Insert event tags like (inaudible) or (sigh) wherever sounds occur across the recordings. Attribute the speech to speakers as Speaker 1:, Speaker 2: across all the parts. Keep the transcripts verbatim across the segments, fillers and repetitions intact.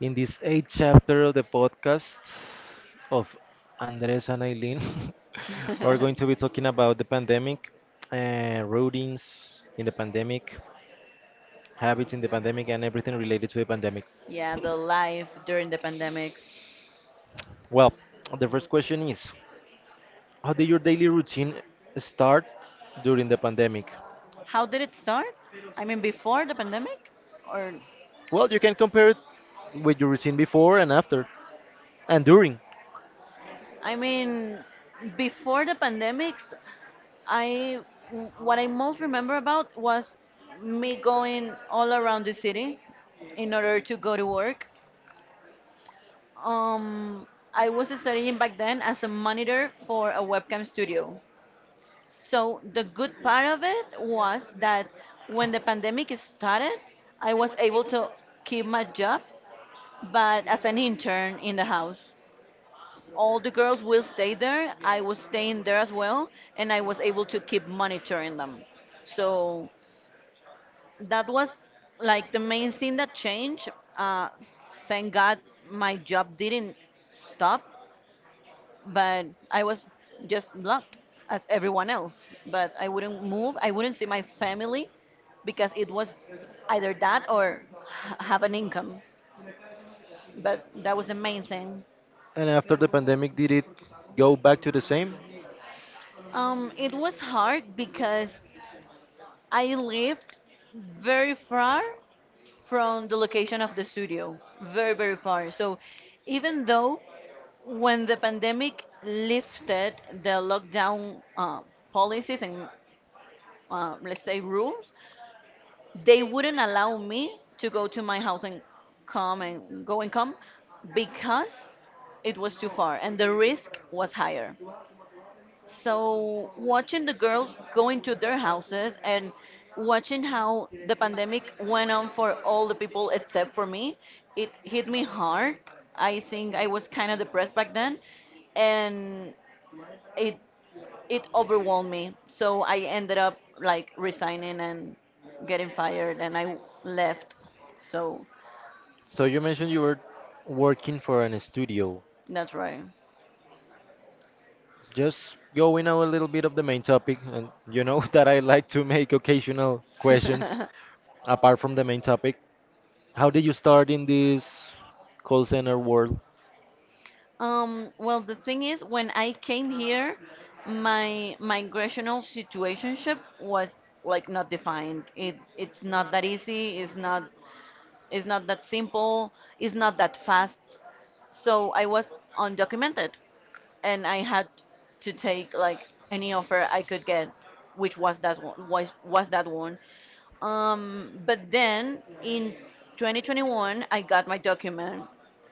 Speaker 1: In this eighth chapter of the podcast of Andres and Eileen, (laughs) we're going to
Speaker 2: (laughs)
Speaker 1: be talking about the pandemic, uh, routines in the pandemic, habits in the pandemic, and everything related to the pandemic.
Speaker 2: Yeah, the life during the pandemics.
Speaker 1: Well, the first question is, how did your daily routine start during the pandemic?
Speaker 2: How did it start? I mean, before the pandemic? Or,
Speaker 1: Well, you can compare it with your routine before and after, and during.
Speaker 2: I mean, before the pandemics, I w- what I most remember about was me going all around the city in order to go to work. Um, I was studying back then as a monitor for a webcam studio. So the good part of it was that when the pandemic started, I was able to keep my job, but as an intern in the house. All the girls will stay there. I was staying there as well, and I was able to keep monitoring them. So that was like the main thing that changed. Uh, thank God my job didn't stop, but I was just blocked as everyone else. But I wouldn't move. I wouldn't see my family because it was either that or h- have an income. But that was the main thing.
Speaker 1: And after the pandemic, did it go back to the same?
Speaker 2: Um, it was hard because I lived very far from the location of the studio, very very far. So even though when the pandemic lifted the lockdown uh, policies and uh, let's say rules, they wouldn't allow me to go to my house and come and go and come because it was too far and the risk was higher. So watching the girls going to their houses and watching how the pandemic went on for all the people except for me, it hit me hard. I think I was kind of depressed back then and it it overwhelmed me. So I ended up like resigning and getting fired, and I left. So
Speaker 1: So you mentioned you were working for an studio.
Speaker 2: that's right.
Speaker 1: Just going out a little bit of the main topic, and you know (laughs) that I like to make occasional questions
Speaker 2: (laughs)
Speaker 1: apart from the main topic. How did you start in this call center world?
Speaker 2: Um, well, the thing is, when I came here, my migrational situationship was like not defined. It it's not that easy. It's not. It's not that simple, it's not that fast. So I was undocumented and I had to take like any offer I could get, which was that one was was that one. Um, but then in twenty twenty-one, I got my document,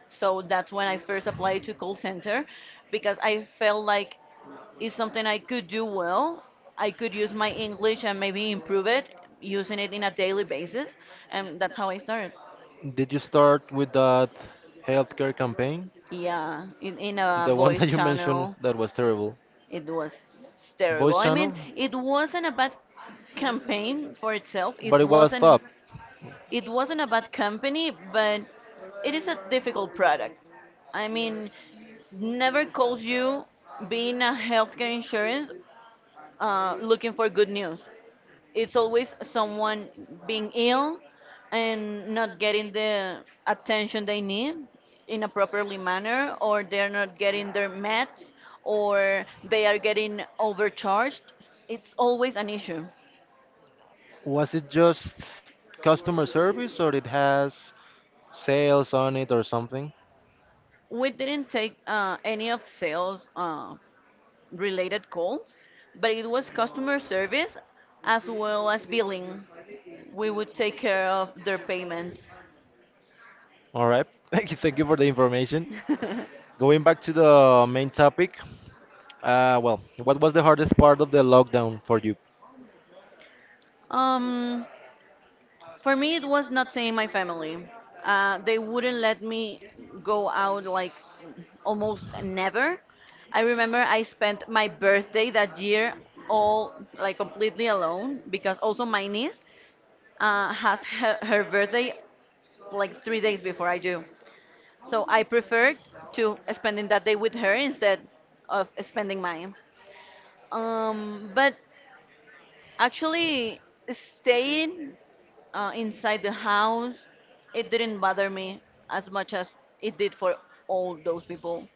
Speaker 2: so that's when I first applied to call center because I felt like it's something I could do well. I could use my English and maybe improve it using it in a daily basis, and that's how I started.
Speaker 1: Did you start with that healthcare campaign?
Speaker 2: Yeah, in, in a
Speaker 1: The one that
Speaker 2: voice
Speaker 1: you mentioned
Speaker 2: channel,
Speaker 1: that was terrible.
Speaker 2: it was terrible.
Speaker 1: Voice
Speaker 2: I mean,
Speaker 1: channel?
Speaker 2: it wasn't a bad campaign for itself.
Speaker 1: But
Speaker 2: It
Speaker 1: it was top.
Speaker 2: wasn't, it wasn't a bad company, but it is a difficult product. I mean, never calls you being a healthcare insurance uh, looking for good news, it's always someone being ill and not getting the attention they need in a properly manner, or they're not getting their meds, or they are getting overcharged. It's always an issue.
Speaker 1: Was it just customer service or it has sales on it or something?
Speaker 2: We didn't take uh, any of sales uh, related calls, but it was customer service as well as billing. We would take care of their payments.
Speaker 1: All right. (laughs) Thank you. Thank you for the information.
Speaker 2: (laughs)
Speaker 1: Going back to the main topic, uh, well, what was the hardest part of the lockdown for you?
Speaker 2: um For me, it was not seeing my family. Uh, they wouldn't let me go out like almost never. I remember I spent my birthday that year all like completely alone, because also my niece uh, has her, her birthday like three days before I do. So I preferred to spending that day with her instead of spending mine. Um, but actually, staying uh, inside the house, it didn't bother me as much as it did for all those people.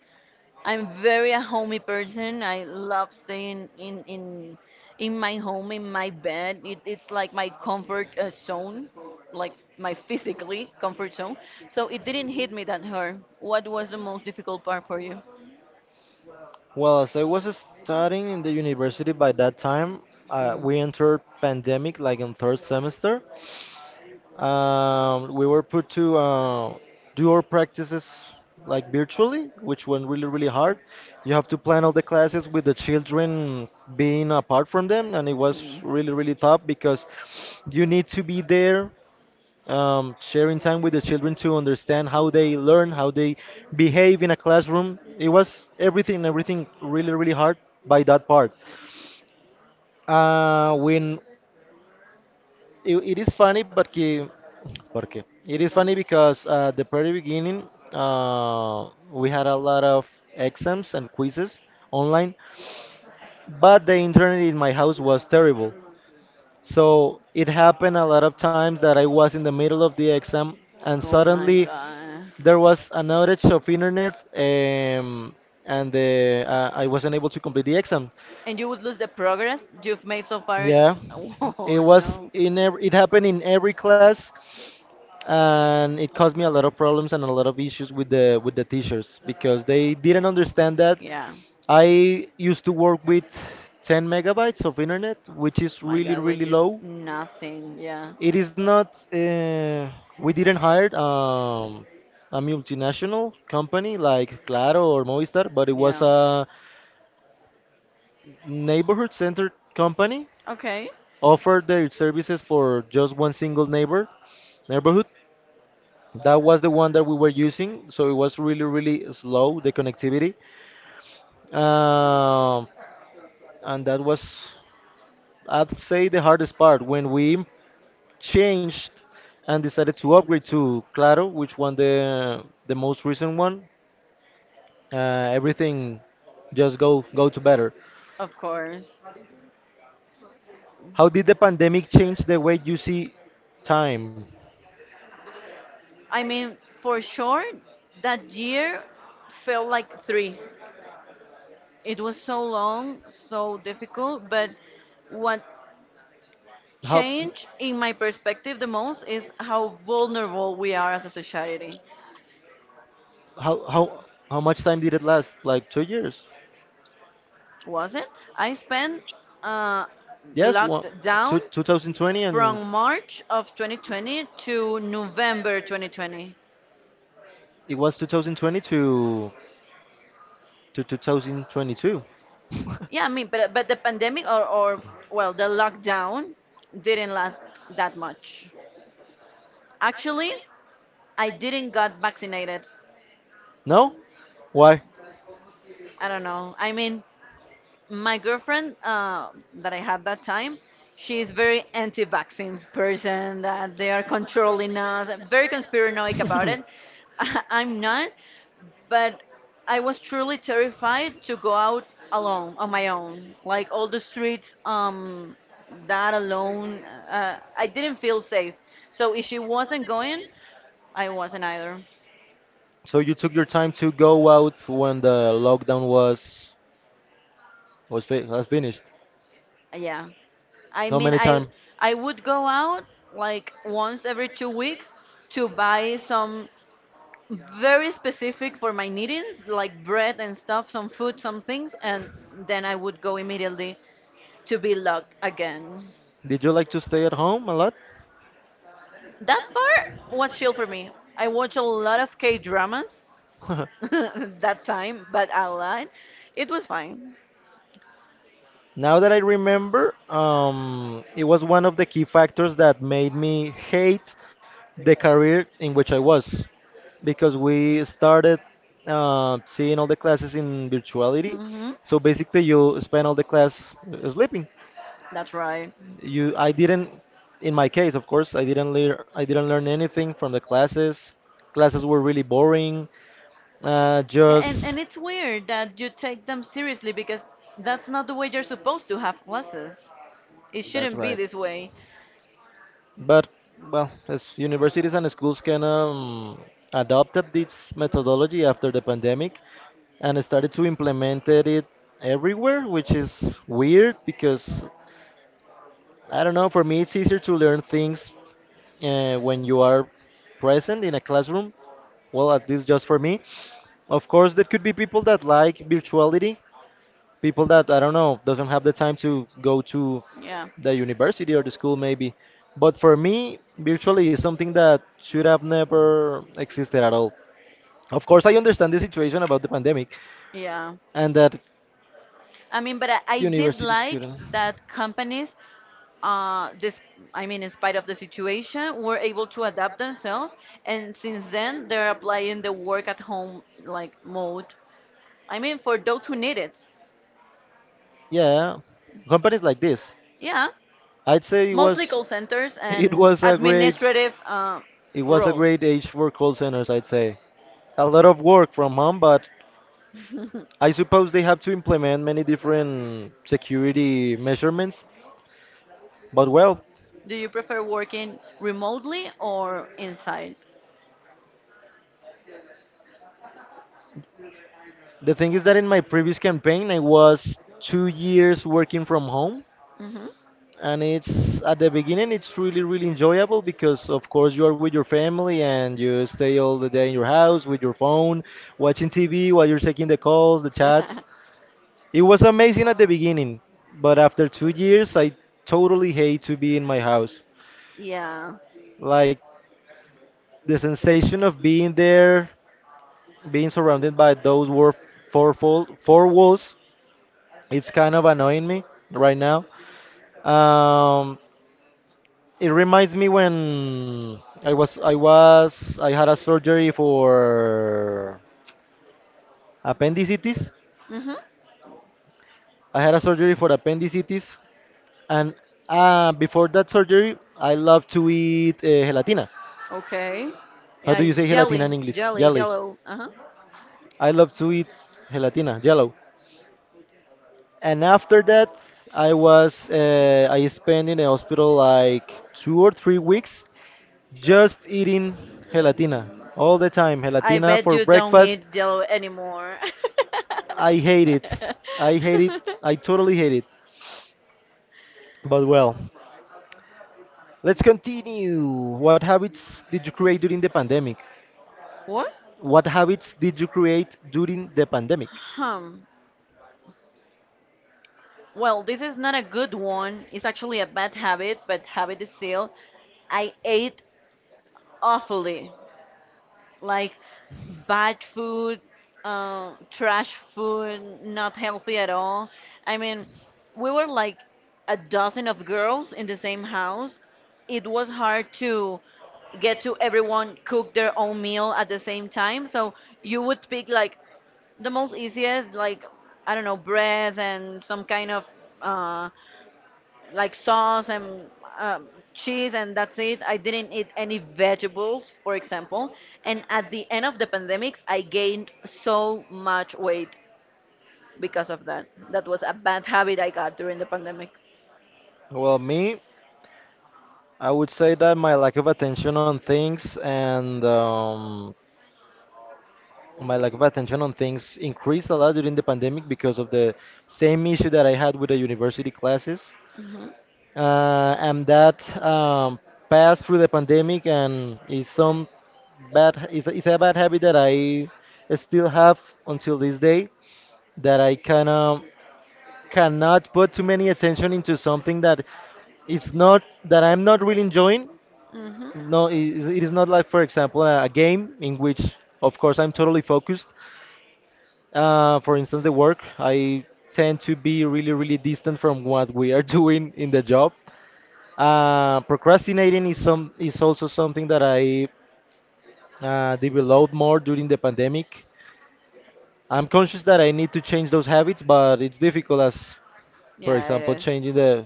Speaker 2: I'm very a homey person. I love staying in in in my home, in my bed. It, it's like my comfort uh, zone, like my physically comfort zone. So it didn't hit me that hard. What was the most difficult part for you?
Speaker 1: Well, as I was studying in the university by that time, uh,
Speaker 2: Mm.
Speaker 1: we entered pandemic like in third semester. Um, we were put to uh, do our practices like virtually, which went really, really hard. You have to plan all the classes with the children being apart from them, and it was really, really tough because you need to be there, um, sharing time with the children to understand how they learn, how they behave in a classroom. It was everything, everything really, really hard by that part. Uh, when it, it is funny, but que, porque it is funny because uh, the very beginning, uh, we had a lot of exams and quizzes online, but the internet in my house was terrible. So it happened a lot of times that I was in the middle of the exam and suddenly
Speaker 2: God.
Speaker 1: there was an outage of internet, um, and the, uh, I wasn't able to complete the exam.
Speaker 2: And you would lose the progress you've made so far. (laughs)
Speaker 1: Yeah,
Speaker 2: So.
Speaker 1: it was
Speaker 2: Oh,
Speaker 1: in every, it happened in
Speaker 2: and
Speaker 1: every class,
Speaker 2: it.
Speaker 1: and it caused me a lot of problems and a lot of issues with the with the teachers because they didn't understand that
Speaker 2: Yeah.
Speaker 1: I used to work with 10 megabytes of internet, which is
Speaker 2: My
Speaker 1: really
Speaker 2: God,
Speaker 1: really
Speaker 2: which is
Speaker 1: low.
Speaker 2: nothing. Yeah.
Speaker 1: It is not. Uh, we didn't hire um, a multinational company like Claro or Movistar, but it was
Speaker 2: Yeah.
Speaker 1: a neighborhood centered company
Speaker 2: Okay.
Speaker 1: offered their services for just one single neighbor neighborhood. That was the one that we were using, so it was really, really slow, the connectivity. Um, and that was, I'd say, the hardest part when we changed and decided to upgrade to Claro, which one the the most recent one. Uh, everything just go go to better.
Speaker 2: Of course.
Speaker 1: How did the pandemic change the way you see time?
Speaker 2: I mean, for sure, that year felt like three. It was so long, so difficult, but what
Speaker 1: How?
Speaker 2: changed in my perspective the most is how vulnerable we are as a society.
Speaker 1: How how how much time did it last? Like two years?
Speaker 2: Was it? I spent uh,
Speaker 1: Yes, one
Speaker 2: locked down
Speaker 1: two two thousand twenty, and
Speaker 2: from March of twenty twenty to November twenty twenty.
Speaker 1: it was twenty twenty to to twenty twenty-two. (laughs)
Speaker 2: Yeah, I mean, but but the pandemic or or well, the lockdown didn't last that much. Actually, I didn't got vaccinated.
Speaker 1: No? Why?
Speaker 2: I don't know. I mean, my girlfriend uh, that I had that time, she's very anti-vaccines, person that they are controlling us, and very conspiranoic about it. (laughs) I'm not,
Speaker 1: (laughs)
Speaker 2: but I was truly terrified to go out alone on my own, like all the streets. Um, that alone, uh, I didn't feel safe. So if she wasn't going, I wasn't either.
Speaker 1: So you took your time to go out when the lockdown was was, fi was finished.
Speaker 2: Yeah. I
Speaker 1: How
Speaker 2: mean,
Speaker 1: many
Speaker 2: I
Speaker 1: time?
Speaker 2: I would go out like once every two weeks to buy some very specific for my needings, like bread and stuff, some food, some things, and then I would go immediately to be locked again.
Speaker 1: Did you like to stay at home a lot?
Speaker 2: That part was chill for me. I watch a lot of K dramas (laughs)
Speaker 1: (laughs)
Speaker 2: that time, but a lot. It was fine.
Speaker 1: Now that I remember, um, it was one of the key factors that made me hate the career in which I was, because we started uh, seeing all the classes in virtuality.
Speaker 2: Hmm.
Speaker 1: So basically, you spend all the class uh, sleeping.
Speaker 2: That's right.
Speaker 1: You I didn't, in my case, of course, i didn't learn i didn't learn anything from the classes. Classes were really boring, uh,
Speaker 2: Yeah, and, and
Speaker 1: just
Speaker 2: it's weird that you take them seriously because that's not the way you're supposed to have classes. It shouldn't be this way.
Speaker 1: but well, as universities and schools can, um, adopted this methodology after the pandemic and started to implement it everywhere, which is weird because I don't know, for me it's easier to learn things uh, when you are present in a classroom. Well, at least just for me. Of course, there could be people that like virtuality, people that, I don't know, doesn't have the time to go to
Speaker 2: Yeah.
Speaker 1: the university or the school, maybe. But for me, virtually is something that should have never existed at all. Of course, I understand the situation about the pandemic
Speaker 2: Yeah.
Speaker 1: and that
Speaker 2: I mean, but I, I did
Speaker 1: universities
Speaker 2: like
Speaker 1: couldn't.
Speaker 2: that companies, uh, this, I mean, in spite of the situation, were able to adapt themselves. And since then, they're applying the work at home like mode. I mean, for those who need it.
Speaker 1: Yeah, companies like this.
Speaker 2: Yeah,
Speaker 1: I'd say it
Speaker 2: mostly
Speaker 1: was.
Speaker 2: call centers
Speaker 1: (laughs) it
Speaker 2: and
Speaker 1: was a great
Speaker 2: administrative uh,
Speaker 1: It was a
Speaker 2: roles.
Speaker 1: great age for call centers, I'd say. A lot of work from home, but
Speaker 2: (laughs)
Speaker 1: I suppose they have to implement many different security measurements. But well,
Speaker 2: Do you prefer working remotely or inside?
Speaker 1: the thing is that in my previous campaign, I was two years working from home.
Speaker 2: Hmm.
Speaker 1: And it's at the beginning, it's really, really enjoyable because, of course, you are with your family and you stay all the day in your house with your phone, watching T V while you're taking the calls, the
Speaker 2: (laughs)
Speaker 1: chats. It was amazing at the beginning, but after two years, I totally hate to be in my house.
Speaker 2: Yeah.
Speaker 1: Like the sensation of being there, being surrounded by those war- four, fold- four walls, it's kind of annoying me right now. Um, it reminds me when I was I was I had a surgery for appendicitis.
Speaker 2: Hmm.
Speaker 1: I had a surgery for appendicitis, and uh, before that surgery, I loved to eat uh, gelatina.
Speaker 2: Okay.
Speaker 1: How do
Speaker 2: Yeah,
Speaker 1: you say gelatina in
Speaker 2: jelly,
Speaker 1: English?
Speaker 2: jelly,
Speaker 1: Jelly.
Speaker 2: jello. Uh huh.
Speaker 1: I love to eat gelatina, yellow. And after that, I was uh, I spent in the hospital like two or three weeks, just eating gelatina
Speaker 2: Mm-hmm.
Speaker 1: all the time.
Speaker 2: I
Speaker 1: Gelatina
Speaker 2: bet
Speaker 1: for
Speaker 2: you don't
Speaker 1: breakfast.
Speaker 2: eat jello anymore.
Speaker 1: I hate it. I hate it. I
Speaker 2: (laughs)
Speaker 1: totally hate it. But well, let's continue. What habits did you create during the pandemic?
Speaker 2: What?
Speaker 1: What habits did you create during the pandemic?
Speaker 2: Hmm. Well, this is not a good one. It's actually a bad habit, but habit is still. I ate awfully. Like bad food, uh, trash food, not healthy at all. I mean, we were like a dozen of girls in the same house. It was hard to get to everyone cook their own meal at the same time. So you would pick like the most easiest, like, I don't know, bread and some kind of uh, like sauce and um, cheese, and that's it. I didn't eat any vegetables, for example. And at the end of the pandemics, I gained so much weight because of that. That was a bad habit I got during the pandemic.
Speaker 1: Well, me. I would say that my lack of attention on things and um, my lack of attention on things increased a lot during the pandemic because of the same issue that I had with the university classes.
Speaker 2: Hmm.
Speaker 1: Uh, and that, um, passed through the pandemic and is some bad is is a bad habit that I still have until this day, that I kind of cannot put too many attention into something that it's not, that I'm not really enjoying.
Speaker 2: Hmm.
Speaker 1: No, it is it is not like, for example, a a game in which, of course, I'm totally focused. Uh, for instance, the work, I tend to be really, really distant from what we are (laughs) doing in the job. Uh, procrastinating is some is also something that I uh, developed more during the pandemic. I'm conscious that I need to change those habits, but it's difficult as, for
Speaker 2: Yeah, it
Speaker 1: example,
Speaker 2: is.
Speaker 1: changing the,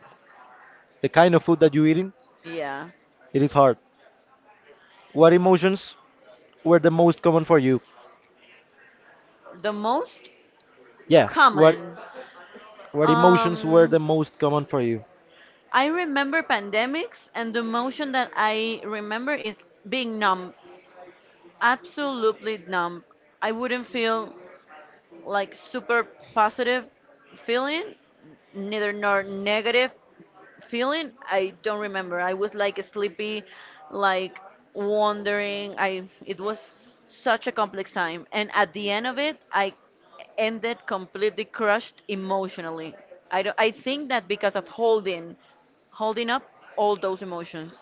Speaker 1: the kind of food that you're eating.
Speaker 2: Yeah,
Speaker 1: It is hard. What emotions were the most common for you?
Speaker 2: the most
Speaker 1: Yeah, what?
Speaker 2: common.
Speaker 1: What emotions were
Speaker 2: um
Speaker 1: the most common for you?
Speaker 2: I remember pandemics, and the emotion that I remember is being numb, absolutely numb. I wouldn't feel like super positive feeling, neither nor negative feeling. I don't remember. I was like sleepy, like wondering. I, it was such a complex time, and at the end of it, I ended completely crushed emotionally. I don't, I think that because of holding, holding up all those emotions.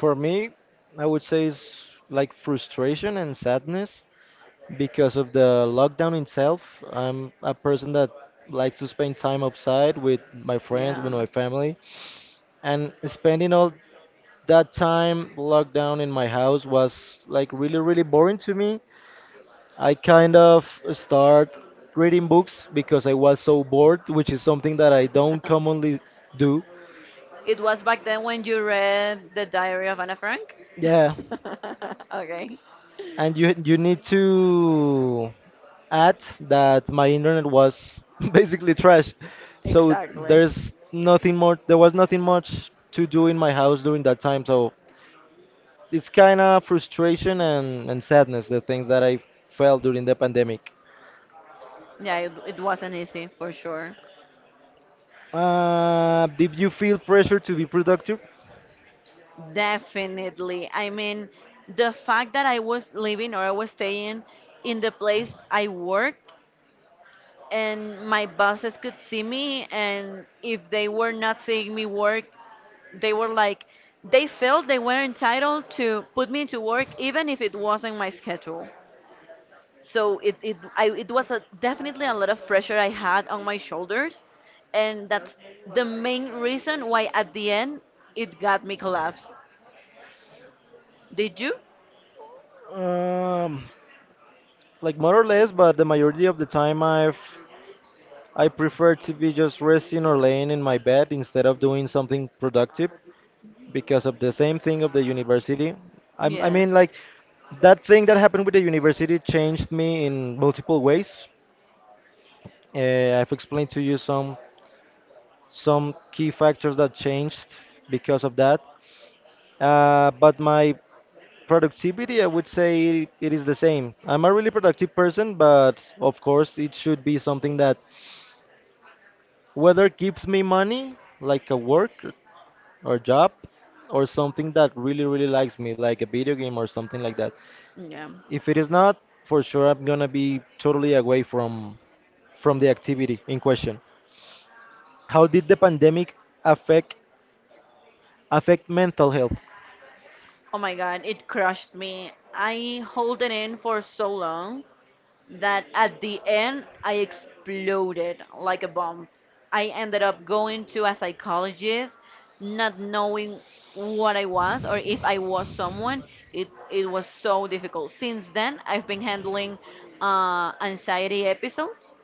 Speaker 1: For me, I would say it's like frustration and sadness because of the lockdown itself. I'm a person that likes to spend time outside with my friends, with
Speaker 2: Yeah.
Speaker 1: my family, and spending all that time locked down in my house was like really, really boring to me. I kind of start reading books because I was so bored, which is something that I don't
Speaker 2: (laughs)
Speaker 1: commonly do.
Speaker 2: It was back then when you read The Diary of Anna Frank?
Speaker 1: Yeah,
Speaker 2: (laughs) Okay.
Speaker 1: and you you need to add that my internet was (laughs) basically trash. So
Speaker 2: Exactly.
Speaker 1: there's nothing more there was nothing much to do in my house during that time. So it's kind of frustration, and, and sadness, the things that I felt during the pandemic.
Speaker 2: Yeah, it, it wasn't easy for sure.
Speaker 1: Uh, did you feel pressure to be productive?
Speaker 2: Definitely. I mean, the fact that I was living or I was staying in the place I worked, and my bosses could see me, and if they were not seeing me work, they were like, they felt they were entitled to put me into work even if it wasn't my schedule. So it it, I, it was a, definitely a lot of pressure I had on my shoulders, and that's the main reason why at the end it got me collapsed. Did you.
Speaker 1: Um, like more or less, but the majority of the time I've I prefer to be just resting or laying in my bed instead of doing something productive. Because of the same thing of the university. I, I
Speaker 2: Yes.
Speaker 1: mean, like that thing that happened with the university changed me in multiple ways. Uh, I've explained to you some some key factors that changed because of that. Uh, but my productivity, I would say it is the same. I'm a really productive person, but of course, it should be something that whether gives me money, like a work or job, or something that really, really likes me, like a video game or something like that.
Speaker 2: Yeah.
Speaker 1: If it is not, for sure I'm gonna be totally away from from the activity in question. How did the pandemic affect affect mental health?
Speaker 2: Oh my God, it crushed me. I held it in for so long that at the end I exploded like a bomb. I ended up going to a psychologist, not knowing what I was or if I was someone. It it was so difficult. Since then, I've been handling uh, anxiety episodes.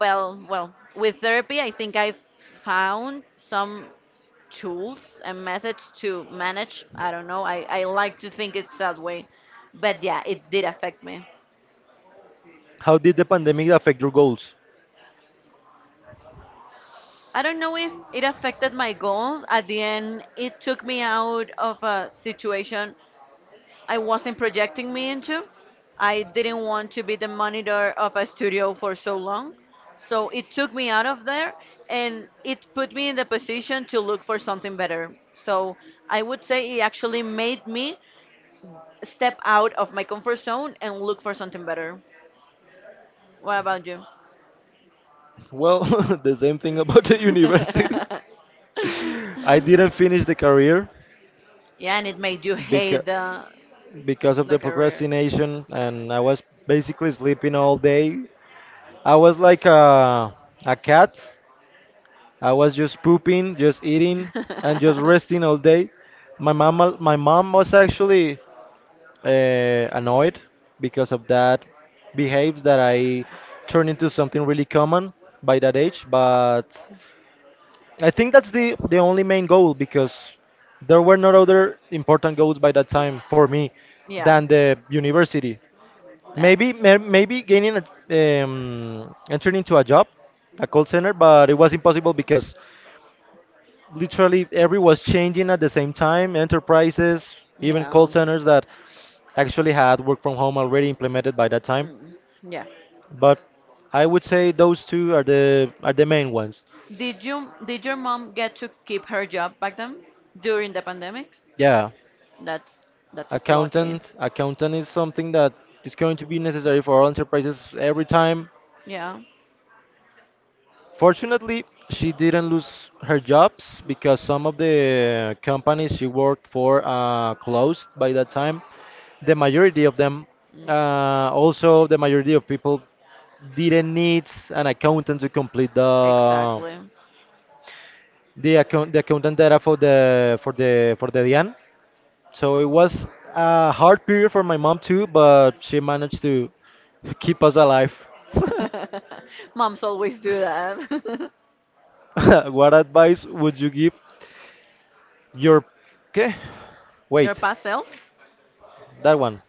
Speaker 2: Well, well, with therapy, I think I've found some tools and methods to manage. I don't know. I, I like to think it's that way. But yeah, it did affect me.
Speaker 1: How did the pandemic affect your goals?
Speaker 2: I don't know if it affected my goals. At the end, it took me out of a situation I wasn't projecting me into. I didn't want to be the monitor of a studio for so long. So it took me out of there, and it put me in the position to look for something better. So I would say it actually made me step out of my comfort zone and look for something better. What about you?
Speaker 1: Well, (laughs) the same thing about the university.
Speaker 2: (laughs)
Speaker 1: (laughs) I didn't finish the career
Speaker 2: Yeah, and it made you
Speaker 1: because
Speaker 2: hate the,
Speaker 1: because of
Speaker 2: the
Speaker 1: the
Speaker 2: career.
Speaker 1: procrastination, and I was basically sleeping all day. I was like a a cat. I was just pooping, just eating, and just resting all day. My mom, my mom was actually uh, annoyed because of that behaves that I turned into
Speaker 2: (laughs)
Speaker 1: something really common by that age. But I think that's the the only main goal because there were no other important goals by that time for me
Speaker 2: Yeah.
Speaker 1: than the university.
Speaker 2: That.
Speaker 1: Maybe may- maybe gaining a, um, entering into a job, a call center, but it was impossible because literally every was changing at the same time. Enterprises, even call
Speaker 2: Yeah.
Speaker 1: centers that actually had work from home already implemented by that time.
Speaker 2: Mm, yeah.
Speaker 1: But I would say those two are the are the main ones.
Speaker 2: Did you, did your mom get to keep her job back then during the pandemics?
Speaker 1: Yeah,
Speaker 2: That's that's lucky.
Speaker 1: accountant. Accountant is something that is going to be necessary for all enterprises every time.
Speaker 2: Yeah.
Speaker 1: Fortunately, she didn't lose her jobs because some of the companies she worked for uh, closed by that time. The majority of them,
Speaker 2: Mm.
Speaker 1: uh, also the majority of people, didn't need an accountant to complete the
Speaker 2: Exactly.
Speaker 1: the account the accountant data for the for the for the D I A N. So it was a hard period for my mom too, but she managed to keep us alive. (laughs)
Speaker 2: (laughs) Moms always do that. (laughs)
Speaker 1: (laughs) what advice would you give your okay?
Speaker 2: Your
Speaker 1: Wait,
Speaker 2: past self?
Speaker 1: that one.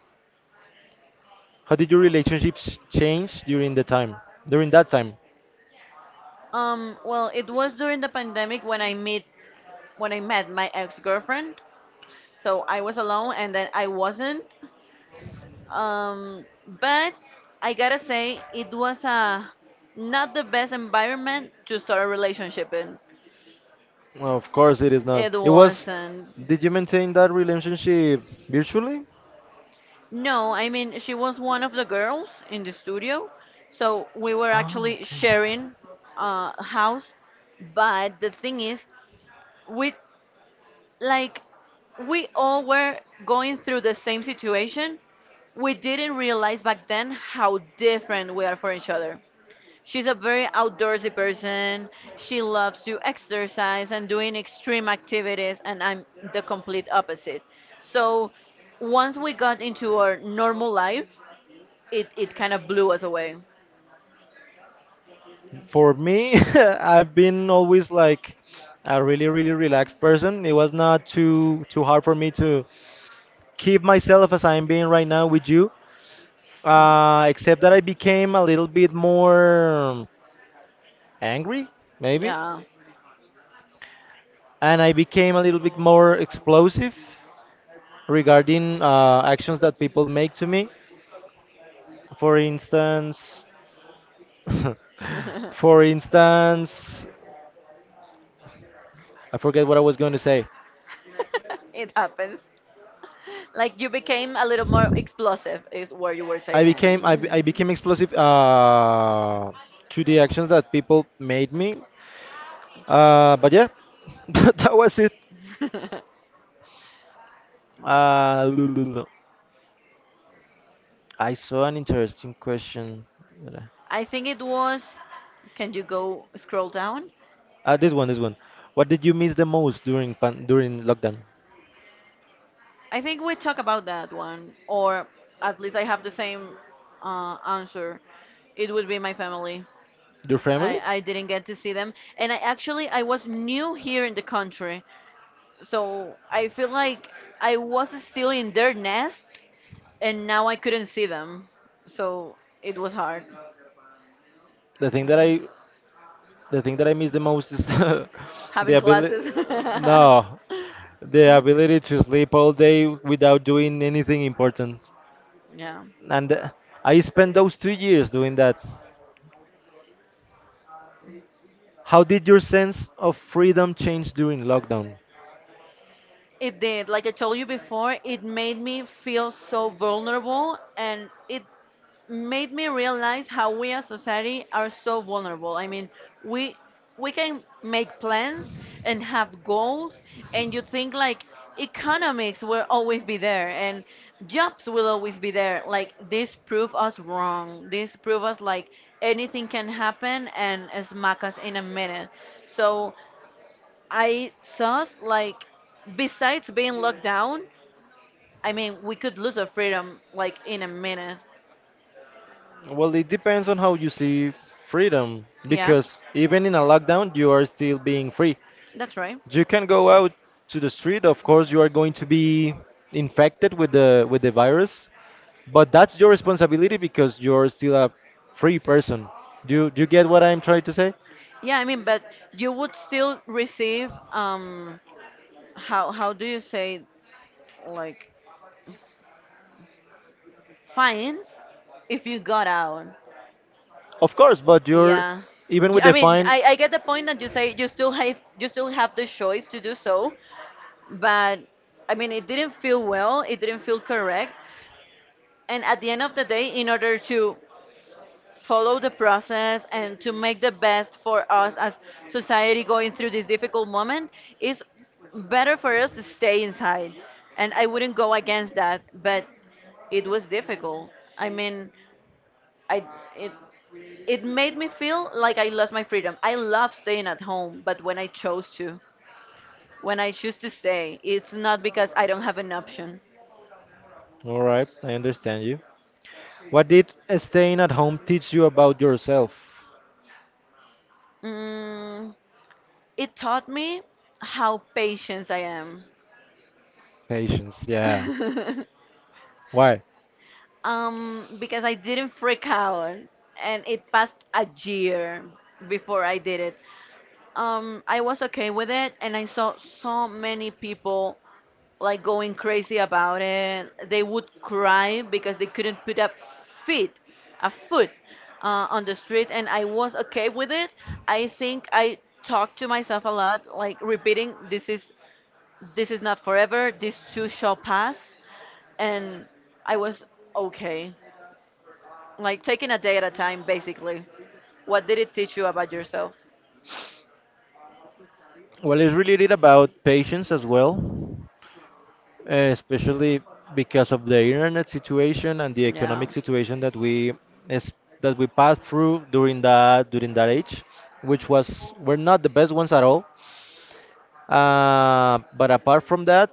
Speaker 1: How did your relationships change during the time? During that time?
Speaker 2: Um, well, it was during the pandemic when I met, when I met my ex-girlfriend. So I was alone and then I wasn't. Um, but I gotta say, it was a, not the best environment to start a relationship in.
Speaker 1: No, of course it is not.
Speaker 2: It
Speaker 1: It was.
Speaker 2: wasn't.
Speaker 1: Did you maintain that relationship virtually?
Speaker 2: No, I mean she was one of the girls in the studio, so we were
Speaker 1: Ah,
Speaker 2: actually
Speaker 1: okay.
Speaker 2: sharing uh, a house. But the thing is, we like we all were going through the same situation. We didn't realize back then how different we are for each other. She's a very outdoorsy person. She loves to exercise and doing extreme activities, and I'm the complete opposite. So once we got into our normal life, it, it kind of blew us away.
Speaker 1: For me, (laughs) I've been always like a really, really relaxed person. It was not too too hard for me to keep myself as I'm being right now with you. Uh, except that I became a little bit more angry, maybe,
Speaker 2: Yeah.
Speaker 1: and I became a little bit more explosive regarding uh, actions that people make to me. For instance, (laughs) for instance, I forget what I was going to say.
Speaker 2: (laughs) It happens. Like you became a little more explosive, is
Speaker 1: I
Speaker 2: what you were
Speaker 1: saying. Became I, be- I
Speaker 2: saying.
Speaker 1: became explosive uh, to the actions that people made me. Uh, but yeah, (laughs) that that was it.
Speaker 2: (laughs)
Speaker 1: Uh, (laughs) I saw an interesting question.
Speaker 2: I think it was. Can you go scroll down?
Speaker 1: Uh, this one, this one. What did you miss the most during pan during lockdown?
Speaker 2: I think we talk about that one, or at least I have the same uh, answer. It would be my family.
Speaker 1: Your family?
Speaker 2: I, I didn't get to see them, and I actually I was new here in the country, so I feel like I was still in their nest, and now I couldn't see them, so it was hard
Speaker 1: The thing that I The thing that I miss the most is (laughs) the
Speaker 2: having
Speaker 1: ability.
Speaker 2: classes.
Speaker 1: No,
Speaker 2: (laughs)
Speaker 1: the ability to sleep all day without doing anything important.
Speaker 2: Yeah,
Speaker 1: And uh, I spent those two years doing that. How did your sense of freedom change during lockdown?
Speaker 2: it did. Like I told you before, it made me feel so vulnerable and it made me realize how we as society are so vulnerable. I mean, we we can make plans and have goals, and you think like economics will always be there and jobs will always be there. Like this prove us wrong. This prove us like anything can happen and smack us in a minute. So I saw like besides being locked down, I mean we could lose our freedom like in a minute.
Speaker 1: Well, it depends on how you see freedom,
Speaker 2: Yeah,
Speaker 1: because even in a lockdown, you are still being free.
Speaker 2: that's right.
Speaker 1: You can go out to the street. Of course, you are going to be infected with the with the virus, but that's your responsibility because you're still a free person. Do you, do you get what I'm trying to say?
Speaker 2: Yeah, I mean, but you would still receive um how how do you say like fines if you got out.
Speaker 1: Of course, but you're
Speaker 2: Yeah.
Speaker 1: even
Speaker 2: You-
Speaker 1: with
Speaker 2: I
Speaker 1: the
Speaker 2: mean,
Speaker 1: fine.
Speaker 2: I, I get the point that you say you still have you still have the choice to do so, but I mean, it didn't feel well, it didn't feel correct. And at the end of the day, in order to follow the process and to make the best for us as society going through this difficult moment is better for us to stay inside, and I wouldn't go against that. But it was difficult. I mean, I, it it made me feel like I lost my freedom. I love staying at home, but when i chose to when I choose to stay, it's not because I don't have an option.
Speaker 1: All right, I understand you. What did staying at home teach you about yourself?
Speaker 2: Mm, it taught me how patient I am.
Speaker 1: Patience, yeah.
Speaker 2: (laughs)
Speaker 1: Why?
Speaker 2: Um, because I didn't freak out, and it passed a year before I did it. Um, I was okay with it, and I saw so many people like going crazy about it. They would cry because they couldn't put up feet, a foot, uh, on the street, and I was okay with it. I think I talked to myself a lot, like repeating, "This is, this is not forever. This too shall pass," and I was okay. Like taking a day at a time, basically. What did it teach you about yourself?
Speaker 1: Well, it's really did about patience as well. Eh, especially because of the internet situation and the
Speaker 2: Yeah,
Speaker 1: economic situation that we is, that we passed through during that during that age, which was were not the best ones at all. Uh, but apart from that,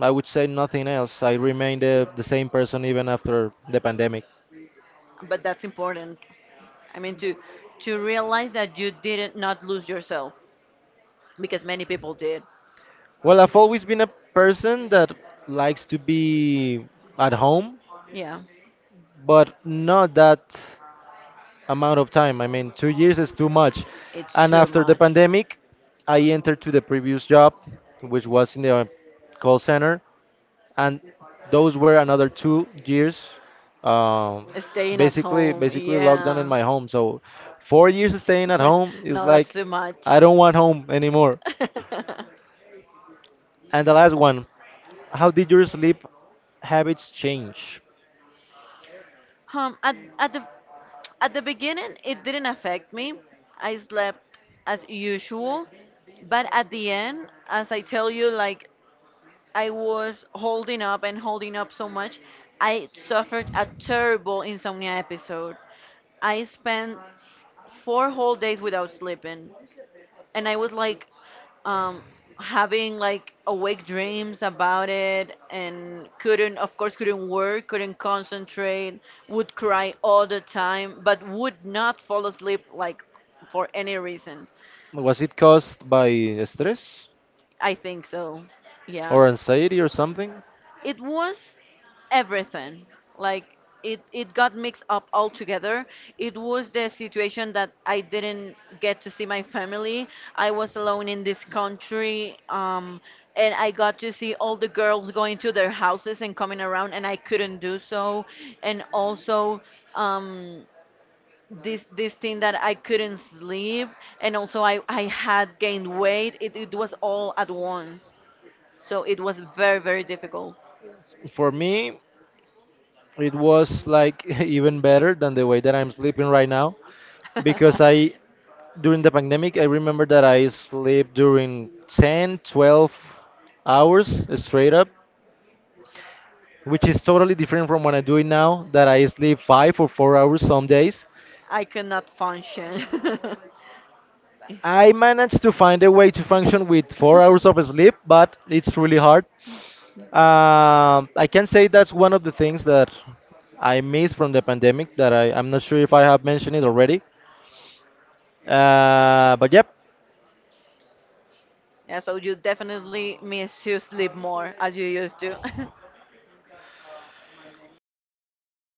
Speaker 1: I would say nothing else. I remained the, the same person even after the pandemic.
Speaker 2: but that's important. I mean, to to realize that you didn't not lose yourself because many people did.
Speaker 1: Well, I've always been a person that likes to be at home,
Speaker 2: Yeah,
Speaker 1: but not that amount of time. I mean, two years is too much.
Speaker 2: it's
Speaker 1: And
Speaker 2: too
Speaker 1: after the
Speaker 2: much.
Speaker 1: pandemic, I entered to the previous job, which was in the uh, call center, and those were another two years, um,
Speaker 2: Staying at
Speaker 1: basically
Speaker 2: home,
Speaker 1: basically locked down in
Speaker 2: yeah.
Speaker 1: my home. So four years staying at home
Speaker 2: (laughs)
Speaker 1: is
Speaker 2: No, that's
Speaker 1: like
Speaker 2: too much.
Speaker 1: I don't want home anymore. (laughs)
Speaker 2: (laughs)
Speaker 1: And the last one, how did your sleep habits change?
Speaker 2: Um, at at the at the beginning, it didn't affect me. I slept as usual, but at the end, as I tell you, like I was holding up and holding up so much, I suffered a terrible insomnia episode. I spent four whole days without sleeping, and I was like um, having like awake dreams about it, and couldn't, of course, couldn't work, couldn't concentrate, would cry all the time, but would not fall asleep like for any reason.
Speaker 1: Was it caused by stress
Speaker 2: I think so. Yeah.
Speaker 1: or anxiety or something?
Speaker 2: It was everything. Like, it it got mixed up all together. It was the situation that I didn't get to see my family. I was alone in this country. Um and I got to see all the girls going to their houses and coming around, and I couldn't do so. And also, um this this thing that I couldn't sleep. And also, i i had gained weight. It, it was all at once, so it was very very difficult.
Speaker 1: For me, it was like (laughs) even better than the way that I'm sleeping right now because I,
Speaker 2: (laughs)
Speaker 1: during the pandemic, I remember that I sleep during ten, twelve hours straight up, which is totally different from what I do it now that I sleep five or four hours some days.
Speaker 2: I cannot function. (laughs)
Speaker 1: I managed to find a way to function
Speaker 2: (laughs)
Speaker 1: with four hours of sleep, but it's really hard. Um, I can say that's one of the things that I miss from the pandemic that I, I'm not sure if I have mentioned it already. Uh, but yep,
Speaker 2: Yeah, so you definitely miss to sleep more as you used to. (laughs)